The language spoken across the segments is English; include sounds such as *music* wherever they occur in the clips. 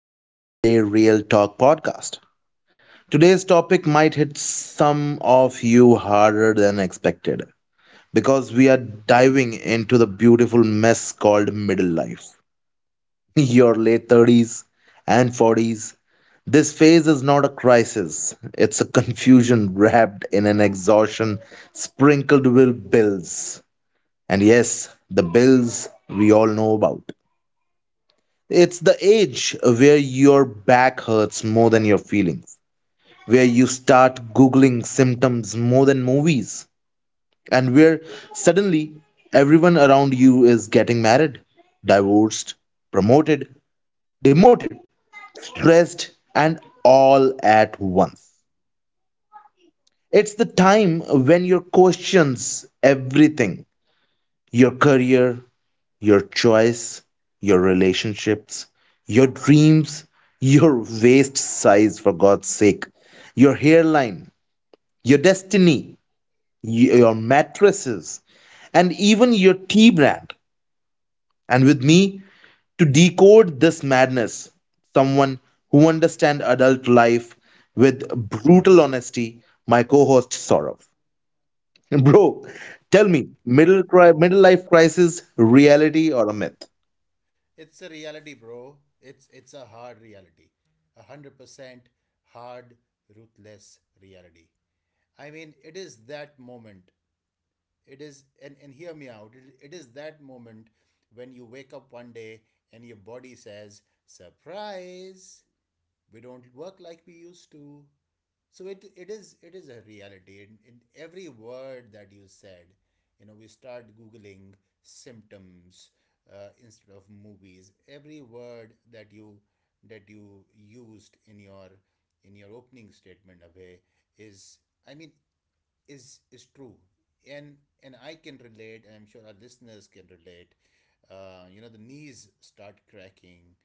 to the Everyday Real Talk podcast. Today's topic might hit some of you harder than expected because we are diving into the beautiful mess called middle life. *laughs* Your late 30s and 40s. This phase is not a crisis, it's a confusion wrapped in an exhaustion sprinkled with bills. And yes, the bills we all know about. It's the age where your back hurts more than your feelings, where you start Googling symptoms more than movies, and where suddenly everyone around you is getting married, divorced, promoted, demoted, stressed, and all at once. It's the time when your questions everything, your career, your choice, your relationships, your dreams, your waist size, for God's sake, your hairline, your destiny, your mattresses, and even your tea brand. And with me, to decode this madness, someone who understands adult life with brutal honesty, my co host Saurav. *laughs* Bro, tell me, middle life crisis, reality or a myth? It's a reality, bro. It's a hard reality. 100% hard, ruthless reality. I mean, it is that moment. It is and hear me out. It is that moment when you wake up one day and your body says, "Surprise! We don't work like we used to." So it is a reality. In every word that you said, you know, we start googling symptoms instead of movies. Every word that you used in your opening statement, Abhay, is, I mean is true, and I can relate, and I'm sure our listeners can relate. You know, the knees start cracking,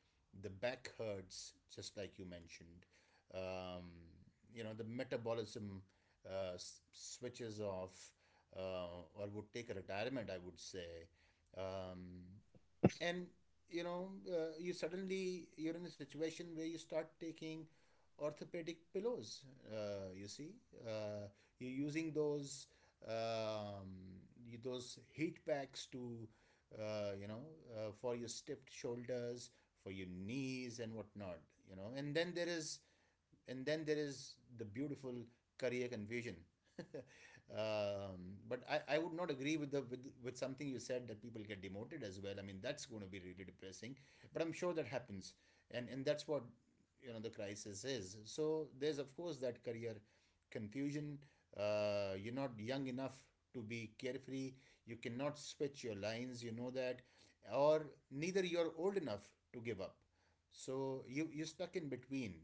the back hurts, just like you mentioned. Um, you know, the metabolism switches off, or would take a retirement, I would say. Um, and you know, you suddenly you're in a situation where you start taking orthopedic pillows. You see, uh, you're using those, um, those heat packs to, uh, you know for your stiff shoulders, for your knees and whatnot, you know. And then there is— and then there is the beautiful career confusion. *laughs* But I would not agree with with something you said, that people get demoted as well. I mean, that's going to be really depressing. But I'm sure that happens, and that's what, you know, the crisis is. So there's of course that career confusion. You're not young enough to be carefree. You cannot switch your lines, you know that, or neither you're old enough to give up. So you're stuck in between,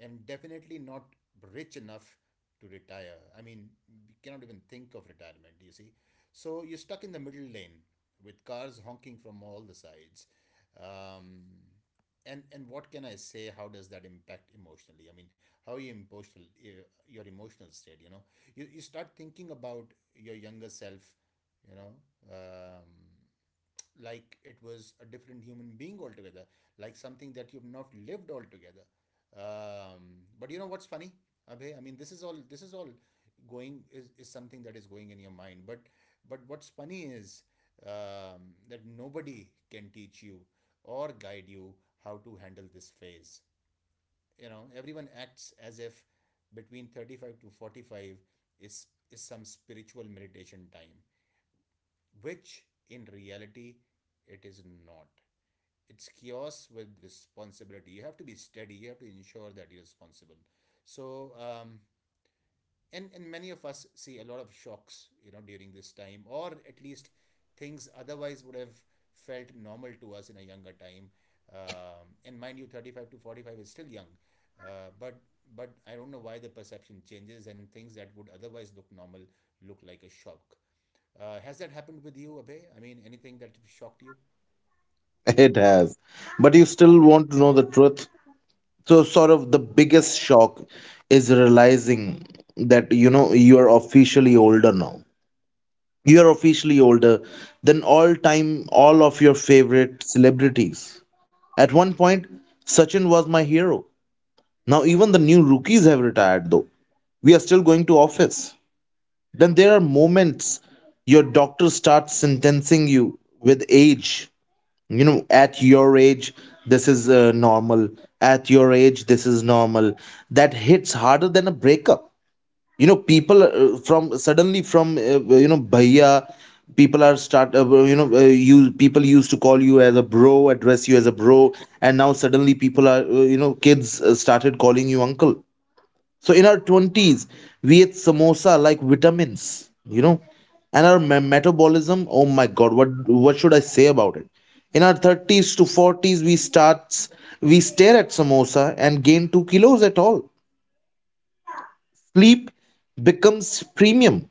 and definitely not rich enough to retire. I mean, we cannot even think of retirement, you see. So you're stuck in the middle lane with cars honking from all the sides. Um, and what can I say? How does that impact emotionally? I mean, how are you emotional, your emotional state, you know? You start thinking about your younger self, you know? Um, like it was a different human being altogether, like something that you've not lived altogether. But you know what's funny, Abhay? I mean, this is all going is something that is going in your mind. But what's funny is that nobody can teach you or guide you how to handle this phase. You know, everyone acts as if between 35 to 45 is some spiritual meditation time, which in reality it is not. It's chaos with responsibility. You have to be steady. You have to ensure that you're responsible. So, and many of us see a lot of shocks, you know, during this time, or at least things otherwise would have felt normal to us in a younger time. And mind you, 35 to 45 is still young, uh, but but I don't know why the perception changes, and things that would otherwise look normal look like a shock. Has that happened with you, Abhay? I mean, anything that shocked you? *laughs* It has. But you still want to know the truth. So, sort of the biggest shock is realizing that, you know, you're officially older now. You're officially older than all time, all of your favorite celebrities. At one point, Sachin was my hero. Now, even the new rookies have retired, though. We are still going to office. Then there are moments your doctor starts sentencing you with age. You know, at your age this is normal, at your age this is normal. That hits harder than a breakup. You know, people from suddenly from you know bhaiya, people are start you know you people used to call you as a bro address you as a bro, and now suddenly people are you know, kids started calling you uncle. So in our 20s, we ate samosa like vitamins, you know, and our metabolism, oh my god, what should I say about it? In our 30s to 40s, we stare at samosa and gain 2 kilos at all. Sleep becomes premium.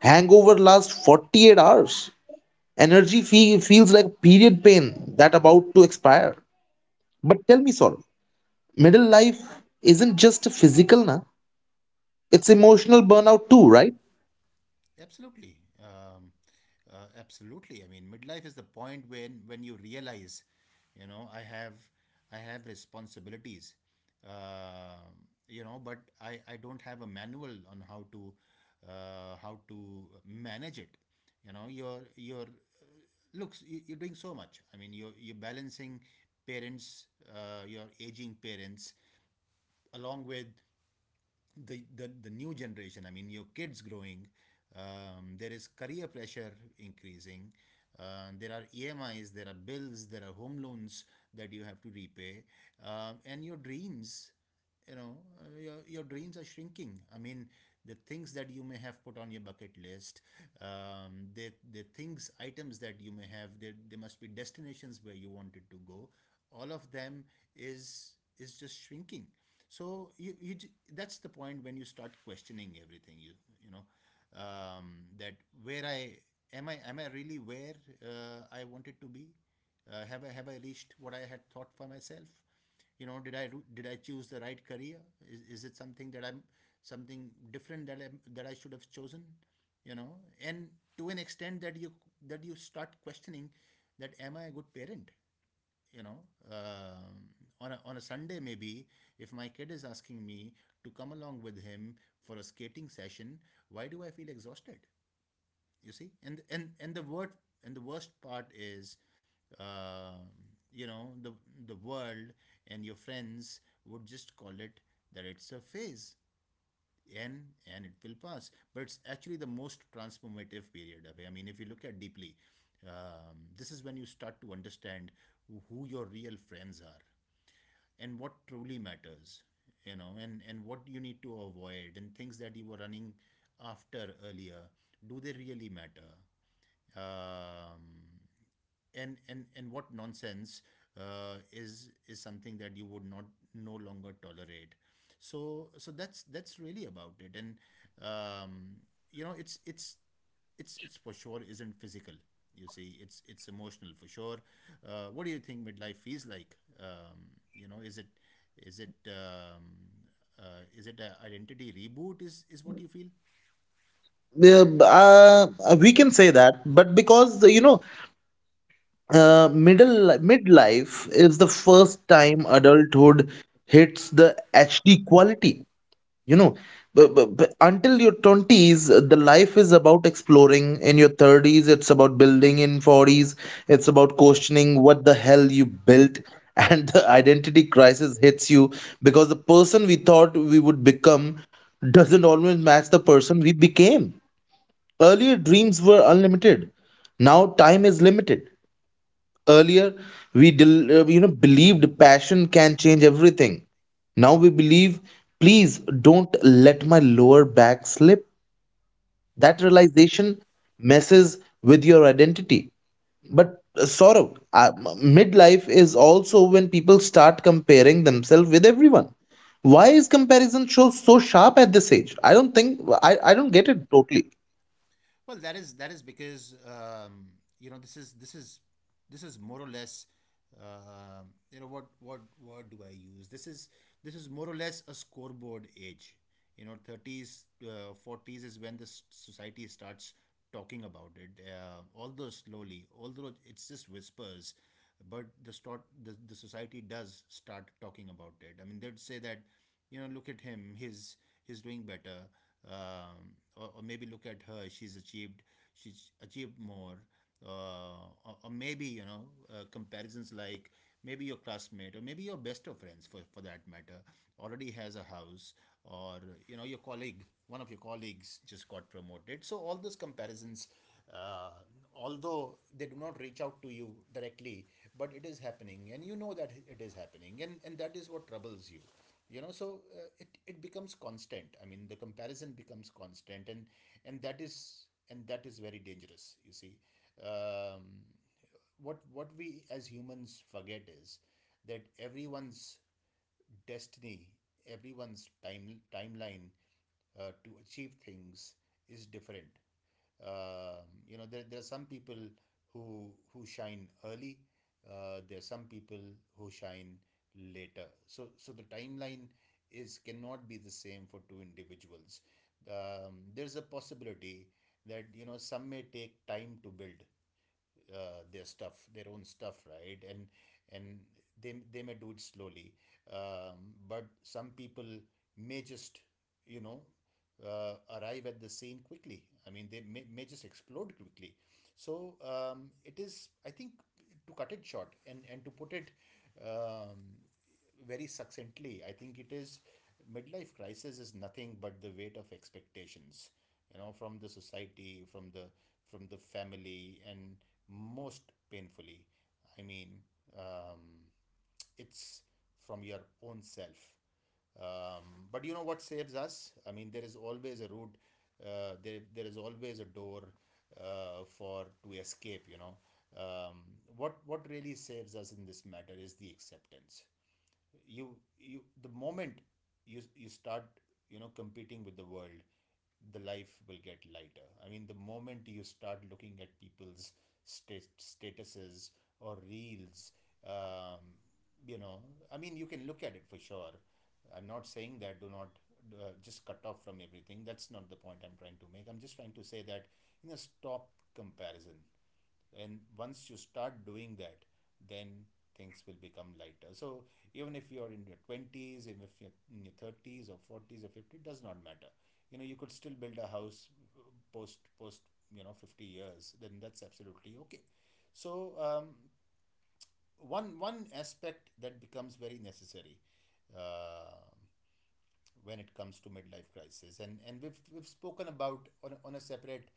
Hangover lasts 48 hours. Energy feels like period pain that about to expire. But tell me, Saurabh, middle life isn't just physical, na? It's emotional burnout too, right? Absolutely. Absolutely. I mean, midlife is the point when you realize, you know, I have— I have responsibilities. Um you know, but I don't have a manual on how to, how to manage it. You know, you're doing so much. I mean, you're balancing parents, your aging parents, along with the new generation, I mean your kids growing. There is career pressure increasing. There are EMIs, there are bills, there are home loans that you have to repay, and your dreams, you know, your dreams are shrinking. I mean, the things that you may have put on your bucket list, the things items that you may have, there must be destinations where you wanted to go. All of them is just shrinking. So you that's the point when you start questioning everything, you know that where I am I— am I really where I wanted to be? Have I reached what I had thought for myself? You know, did I choose the right career? Is it something that I'm— something different that I should have chosen, you know? And to an extent that you start questioning, that am I a good parent, you know? um, on a on a Sunday, maybe, if my kid is asking me to come along with him for a skating session, why do I feel exhausted? You see. And and the word and the worst part is, uh, you know, the world and your friends would just call it that it's a phase, and it will pass. But it's actually the most transformative period. Of I mean, if you look at deeply, this is when you start to understand who your real friends are and what truly matters, you know. And what you need to avoid, and things that you were running after earlier, do they really matter? Um, and and and what nonsense is something that you would not no longer tolerate. So that's really about it. And um, you know, it's for sure isn't physical, you see. It's emotional for sure. What do you think midlife feels like? You know, is it— is it um, is it a identity reboot, is what you feel? Yeah, we can say that, but because you know, middle midlife is the first time adulthood hits the HD quality. You know, but until your twenties, the life is about exploring. In your thirties, it's about building. In forties, it's about questioning what the hell you built, *laughs* and the identity crisis hits you because the person we thought we would become doesn't always match the person we became. Earlier, dreams were unlimited. Now, time is limited. Earlier, you know, believed passion can change everything. Now we believe, please don't let my lower back slip. That realization messes with your identity. But Saurav, midlife is also when people start comparing themselves with everyone. Why is comparison so sharp at this age? I don't think I don't get it totally. Well, that is because you know, this is more or less, uh, you know what do I use? This is more or less a scoreboard age. You know, thirties, forties is when the society starts talking about it. Although slowly, although it's just whispers, but the, the society does start talking about it. I mean, they'd say that, you know, look at him, he's doing better, or, maybe look at her, she's achieved more, or, maybe, you know, comparisons like, maybe your classmate, or maybe your best of friends, for that matter, already has a house, or, you know, your colleague— one of your colleagues just got promoted. So all those comparisons, uh, although they do not reach out to you directly, but it is happening, and you know that it is happening, and that is what troubles you, you know. So it becomes constant. I mean, the comparison becomes constant, and that is very dangerous, you see. um, what we as humans forget is that everyone's destiny, everyone's timeline to achieve things is different. You know, there are some people who shine early. There are some people who shine later. So the timeline is— cannot be the same for two individuals. There's a possibility that, you know, some may take time to build their stuff, their own stuff, right? And and they may do it slowly, but some people may just, you know, arrive at the scene quickly. I mean, they may just explode quickly. So, it is, I think, to cut it short, and, to put it um, very succinctly, I think it is— midlife crisis is nothing but the weight of expectations, you know, from the society, from the— from the family, and most painfully, I mean, um, it's from your own self. But you know what saves us? I mean, there is always a route. There is always a door for to escape. You know, um, what really saves us in this matter is the acceptance. You the moment you start competing with the world, the life will get lighter. I mean, the moment you start looking at people's statuses or reels, um, you know, I mean, you can look at it for sure. I'm not saying that do not just cut off from everything. That's not the point I'm trying to make. I'm just trying to say that, you know, stop comparison. And once you start doing that, then things will become lighter. So even if you're in your 20s, even if you're in your 30s or 40s or 50, it does not matter. You know, you could still build a house uh, post you know 50 years, then that's absolutely okay. So one aspect that becomes very necessary um when it comes to midlife crisis. And we've spoken about on a separate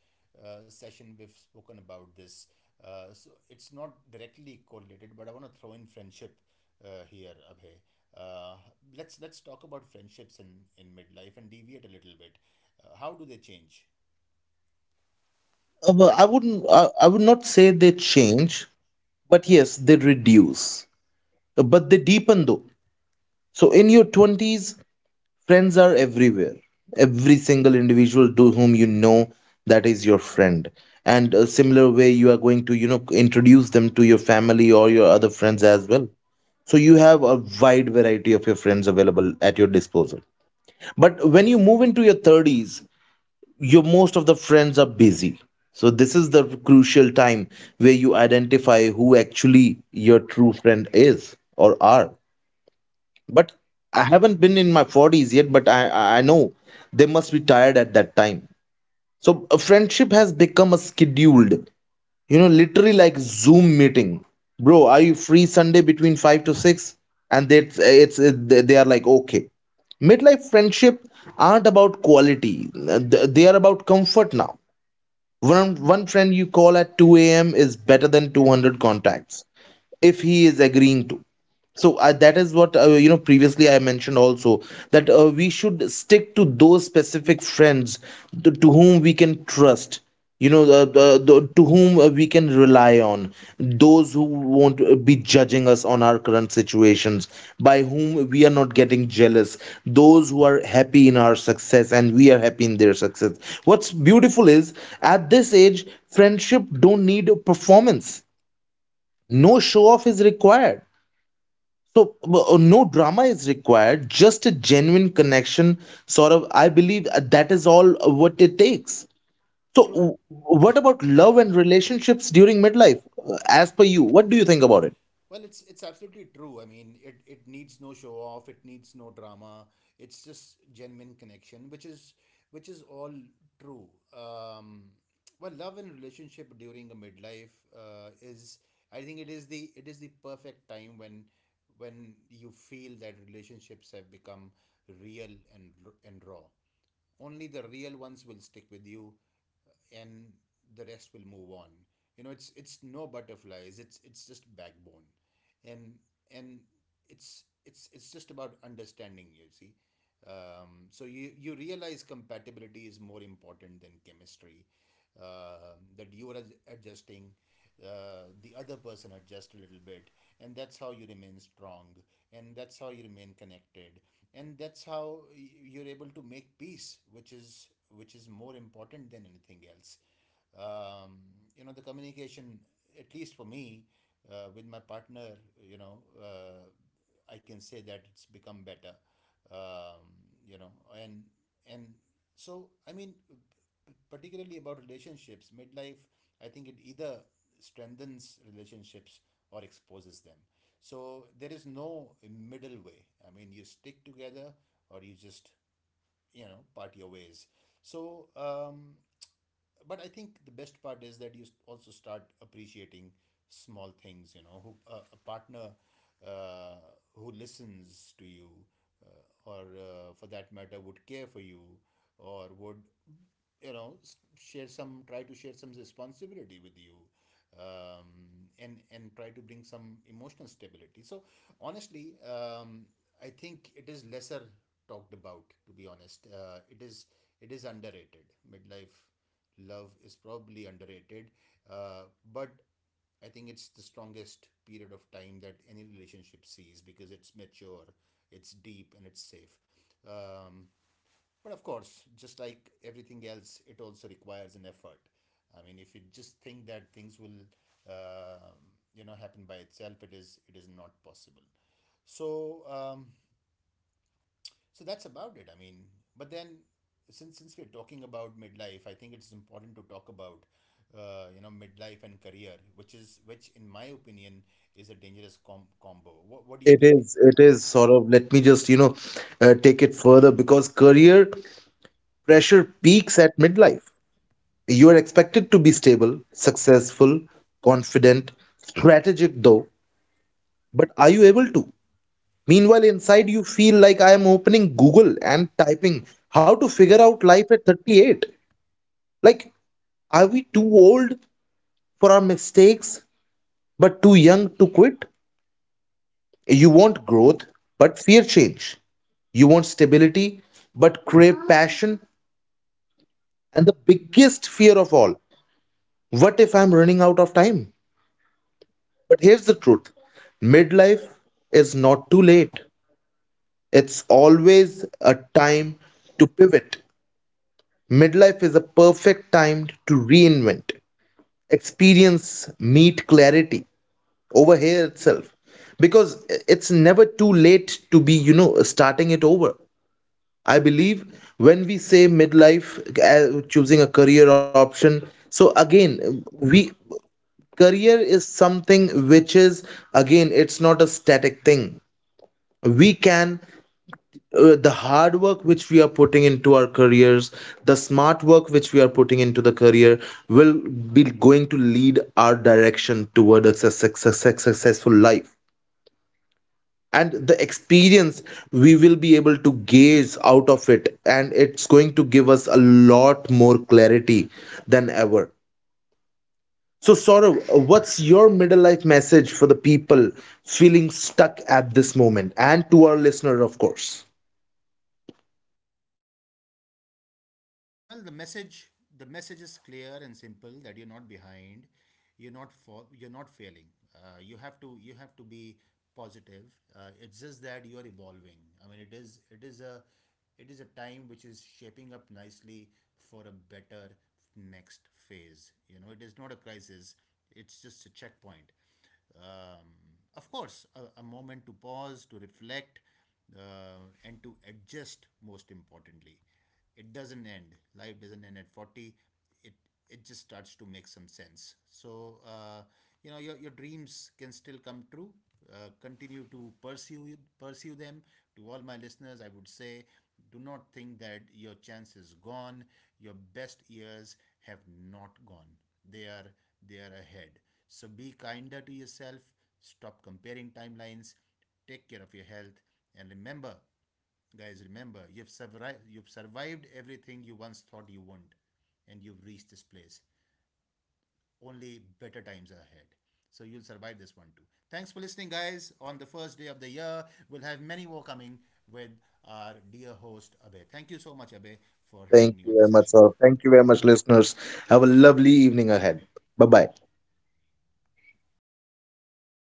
session. We've spoken about this, so it's not directly correlated, but I want to throw in friendship here, Abhay. uh, let's talk about friendships in midlife and deviate a little bit. How do they change? Well, I wouldn't. I would not say they change, but yes, they reduce. But they deepen though. So in your twenties, friends are everywhere. Every single individual to whom you know, that is your friend. And a similar way, you are going to, you know, introduce them to your family or your other friends as well. So you have a wide variety of your friends available at your disposal. But when you move into your 30s, your most of the friends are busy, so this is the crucial time where you identify who actually your true friend is or are. But I haven't been in my 40s yet, but I know they must be tired at that time. So a friendship has become a scheduled, you know, literally like zoom meeting. Bro, are you free sunday between 5 to 6? And that's it's, they are like okay. Midlife friendship aren't about quality, they are about comfort now. One friend you call at 2 a.m. is better than 200 contacts if he is agreeing to. So that is what you know previously I mentioned also, that we should stick to those specific friends, to whom we can trust, you know, the to whom we can rely on, those who won't be judging us on our current situations, by whom we are not getting jealous, those who are happy in our success and we are happy in their success. What's beautiful is at this age friendship don't need performance. No show off is required. So no drama is required, just a genuine connection. Sort of I believe that is all what it takes. So True. What about love and relationships during midlife? As per you, what do you think about it? Well, it's absolutely true. I mean, it needs no show off, it needs no drama. It's just genuine connection, which is all true. Um, well, love and relationship during a midlife is, I think it is the perfect time when you feel that relationships have become real and and raw. Only the real ones will stick with you, and the rest will move on. You know, it's no butterflies, it's just backbone. and and it's just about understanding, you see. So you realize compatibility is more important than chemistry. Um, that you are adjusting, the other person adjust a little bit, and that's how you remain strong, and that's how you remain connected, and that's how you're able to make peace, which is more important than anything else. um, you know, the communication, at least for me, with my partner, you know uh, I can say that it's become better. Um, you know and and So I mean, particularly about relationships midlife, I think it either strengthens relationships or exposes them. So there is no middle way. I mean, you stick together or you just, you know, part your ways. So, but I think the best part is that you also start appreciating small things, you know, who, a partner uh, who listens to you, or for that matter would care for you, or would, you know, share some try to share some responsibility with you, um, and try to bring some emotional stability. So honestly, I think it is lesser talked about, to be honest. It is it is underrated. Midlife love is probably underrated, uh, but I think it's the strongest period of time that any relationship sees, because it's mature, it's deep, and it's safe. um, but of course, just like everything else, it also requires an effort. I mean, if you just think that things will, uh, you know, happen by itself, it is not possible. So so that's about it. I mean, but then, since we're talking about midlife, I think it's important to talk about, you know, midlife and career, which is which in my opinion is a dangerous combo. What do you It think? is it is sort of, let me just, you know, take it further, because career pressure peaks at midlife. You are expected to be stable, successful, confident, strategic though, but are you able to? Meanwhile, inside you feel like I am opening Google and typing how to figure out life at 38. Like, are we too old for our mistakes but too young to quit? You want growth but fear change. You want stability but crave passion. And the biggest fear of all, what if I'm running out of time? But here's the truth, midlife is not too late, it's always a time to pivot. Midlife is a perfect time to reinvent, experience, meet clarity over here itself, because it's never too late to be, you know, starting it over. I believe when we say midlife, choosing a career option, so again, we, career is something which is, again, it's not a static thing. We can The hard work which we are putting into our careers, the smart work which we are putting into the career, will be going to lead our direction toward a successful life, and the experience we will be able to gauge out of it, and it's going to give us a lot more clarity than ever. So Saurav, what's your middle life message for the people feeling stuck at this moment and to our listener, of course? Well, the message is clear and simple that you're not behind, you're not for, you're not failing. You have to you have to be positive. It's just that you are evolving. I mean, it is a time which is shaping up nicely for a better next phase. You know, it is not a crisis. It's just a checkpoint. um, of course, a moment to pause, to reflect, and to adjust, most importantly. It doesn't end. Life doesn't end at 40. It, it just starts to make some sense. So, you know, your dreams can still come true. Continue to pursue them. To all my listeners, I would say, do not think that your chance is gone. Your best years have not gone. They are they are ahead. So be kinder to yourself. Stop comparing timelines. Take care of your health, and remember, guys, remember, you've survived everything you once thought you wouldn't, and you've reached this place. Only better times are ahead. So you'll survive this one too. Thanks for listening, guys. On the first day of the year, we'll have many more coming with our dear host, Abhay. Thank you so much, Abhay, for Thank having me you on the very much, session. sir. Thank you very much, listeners. Have a lovely evening ahead. Bye bye.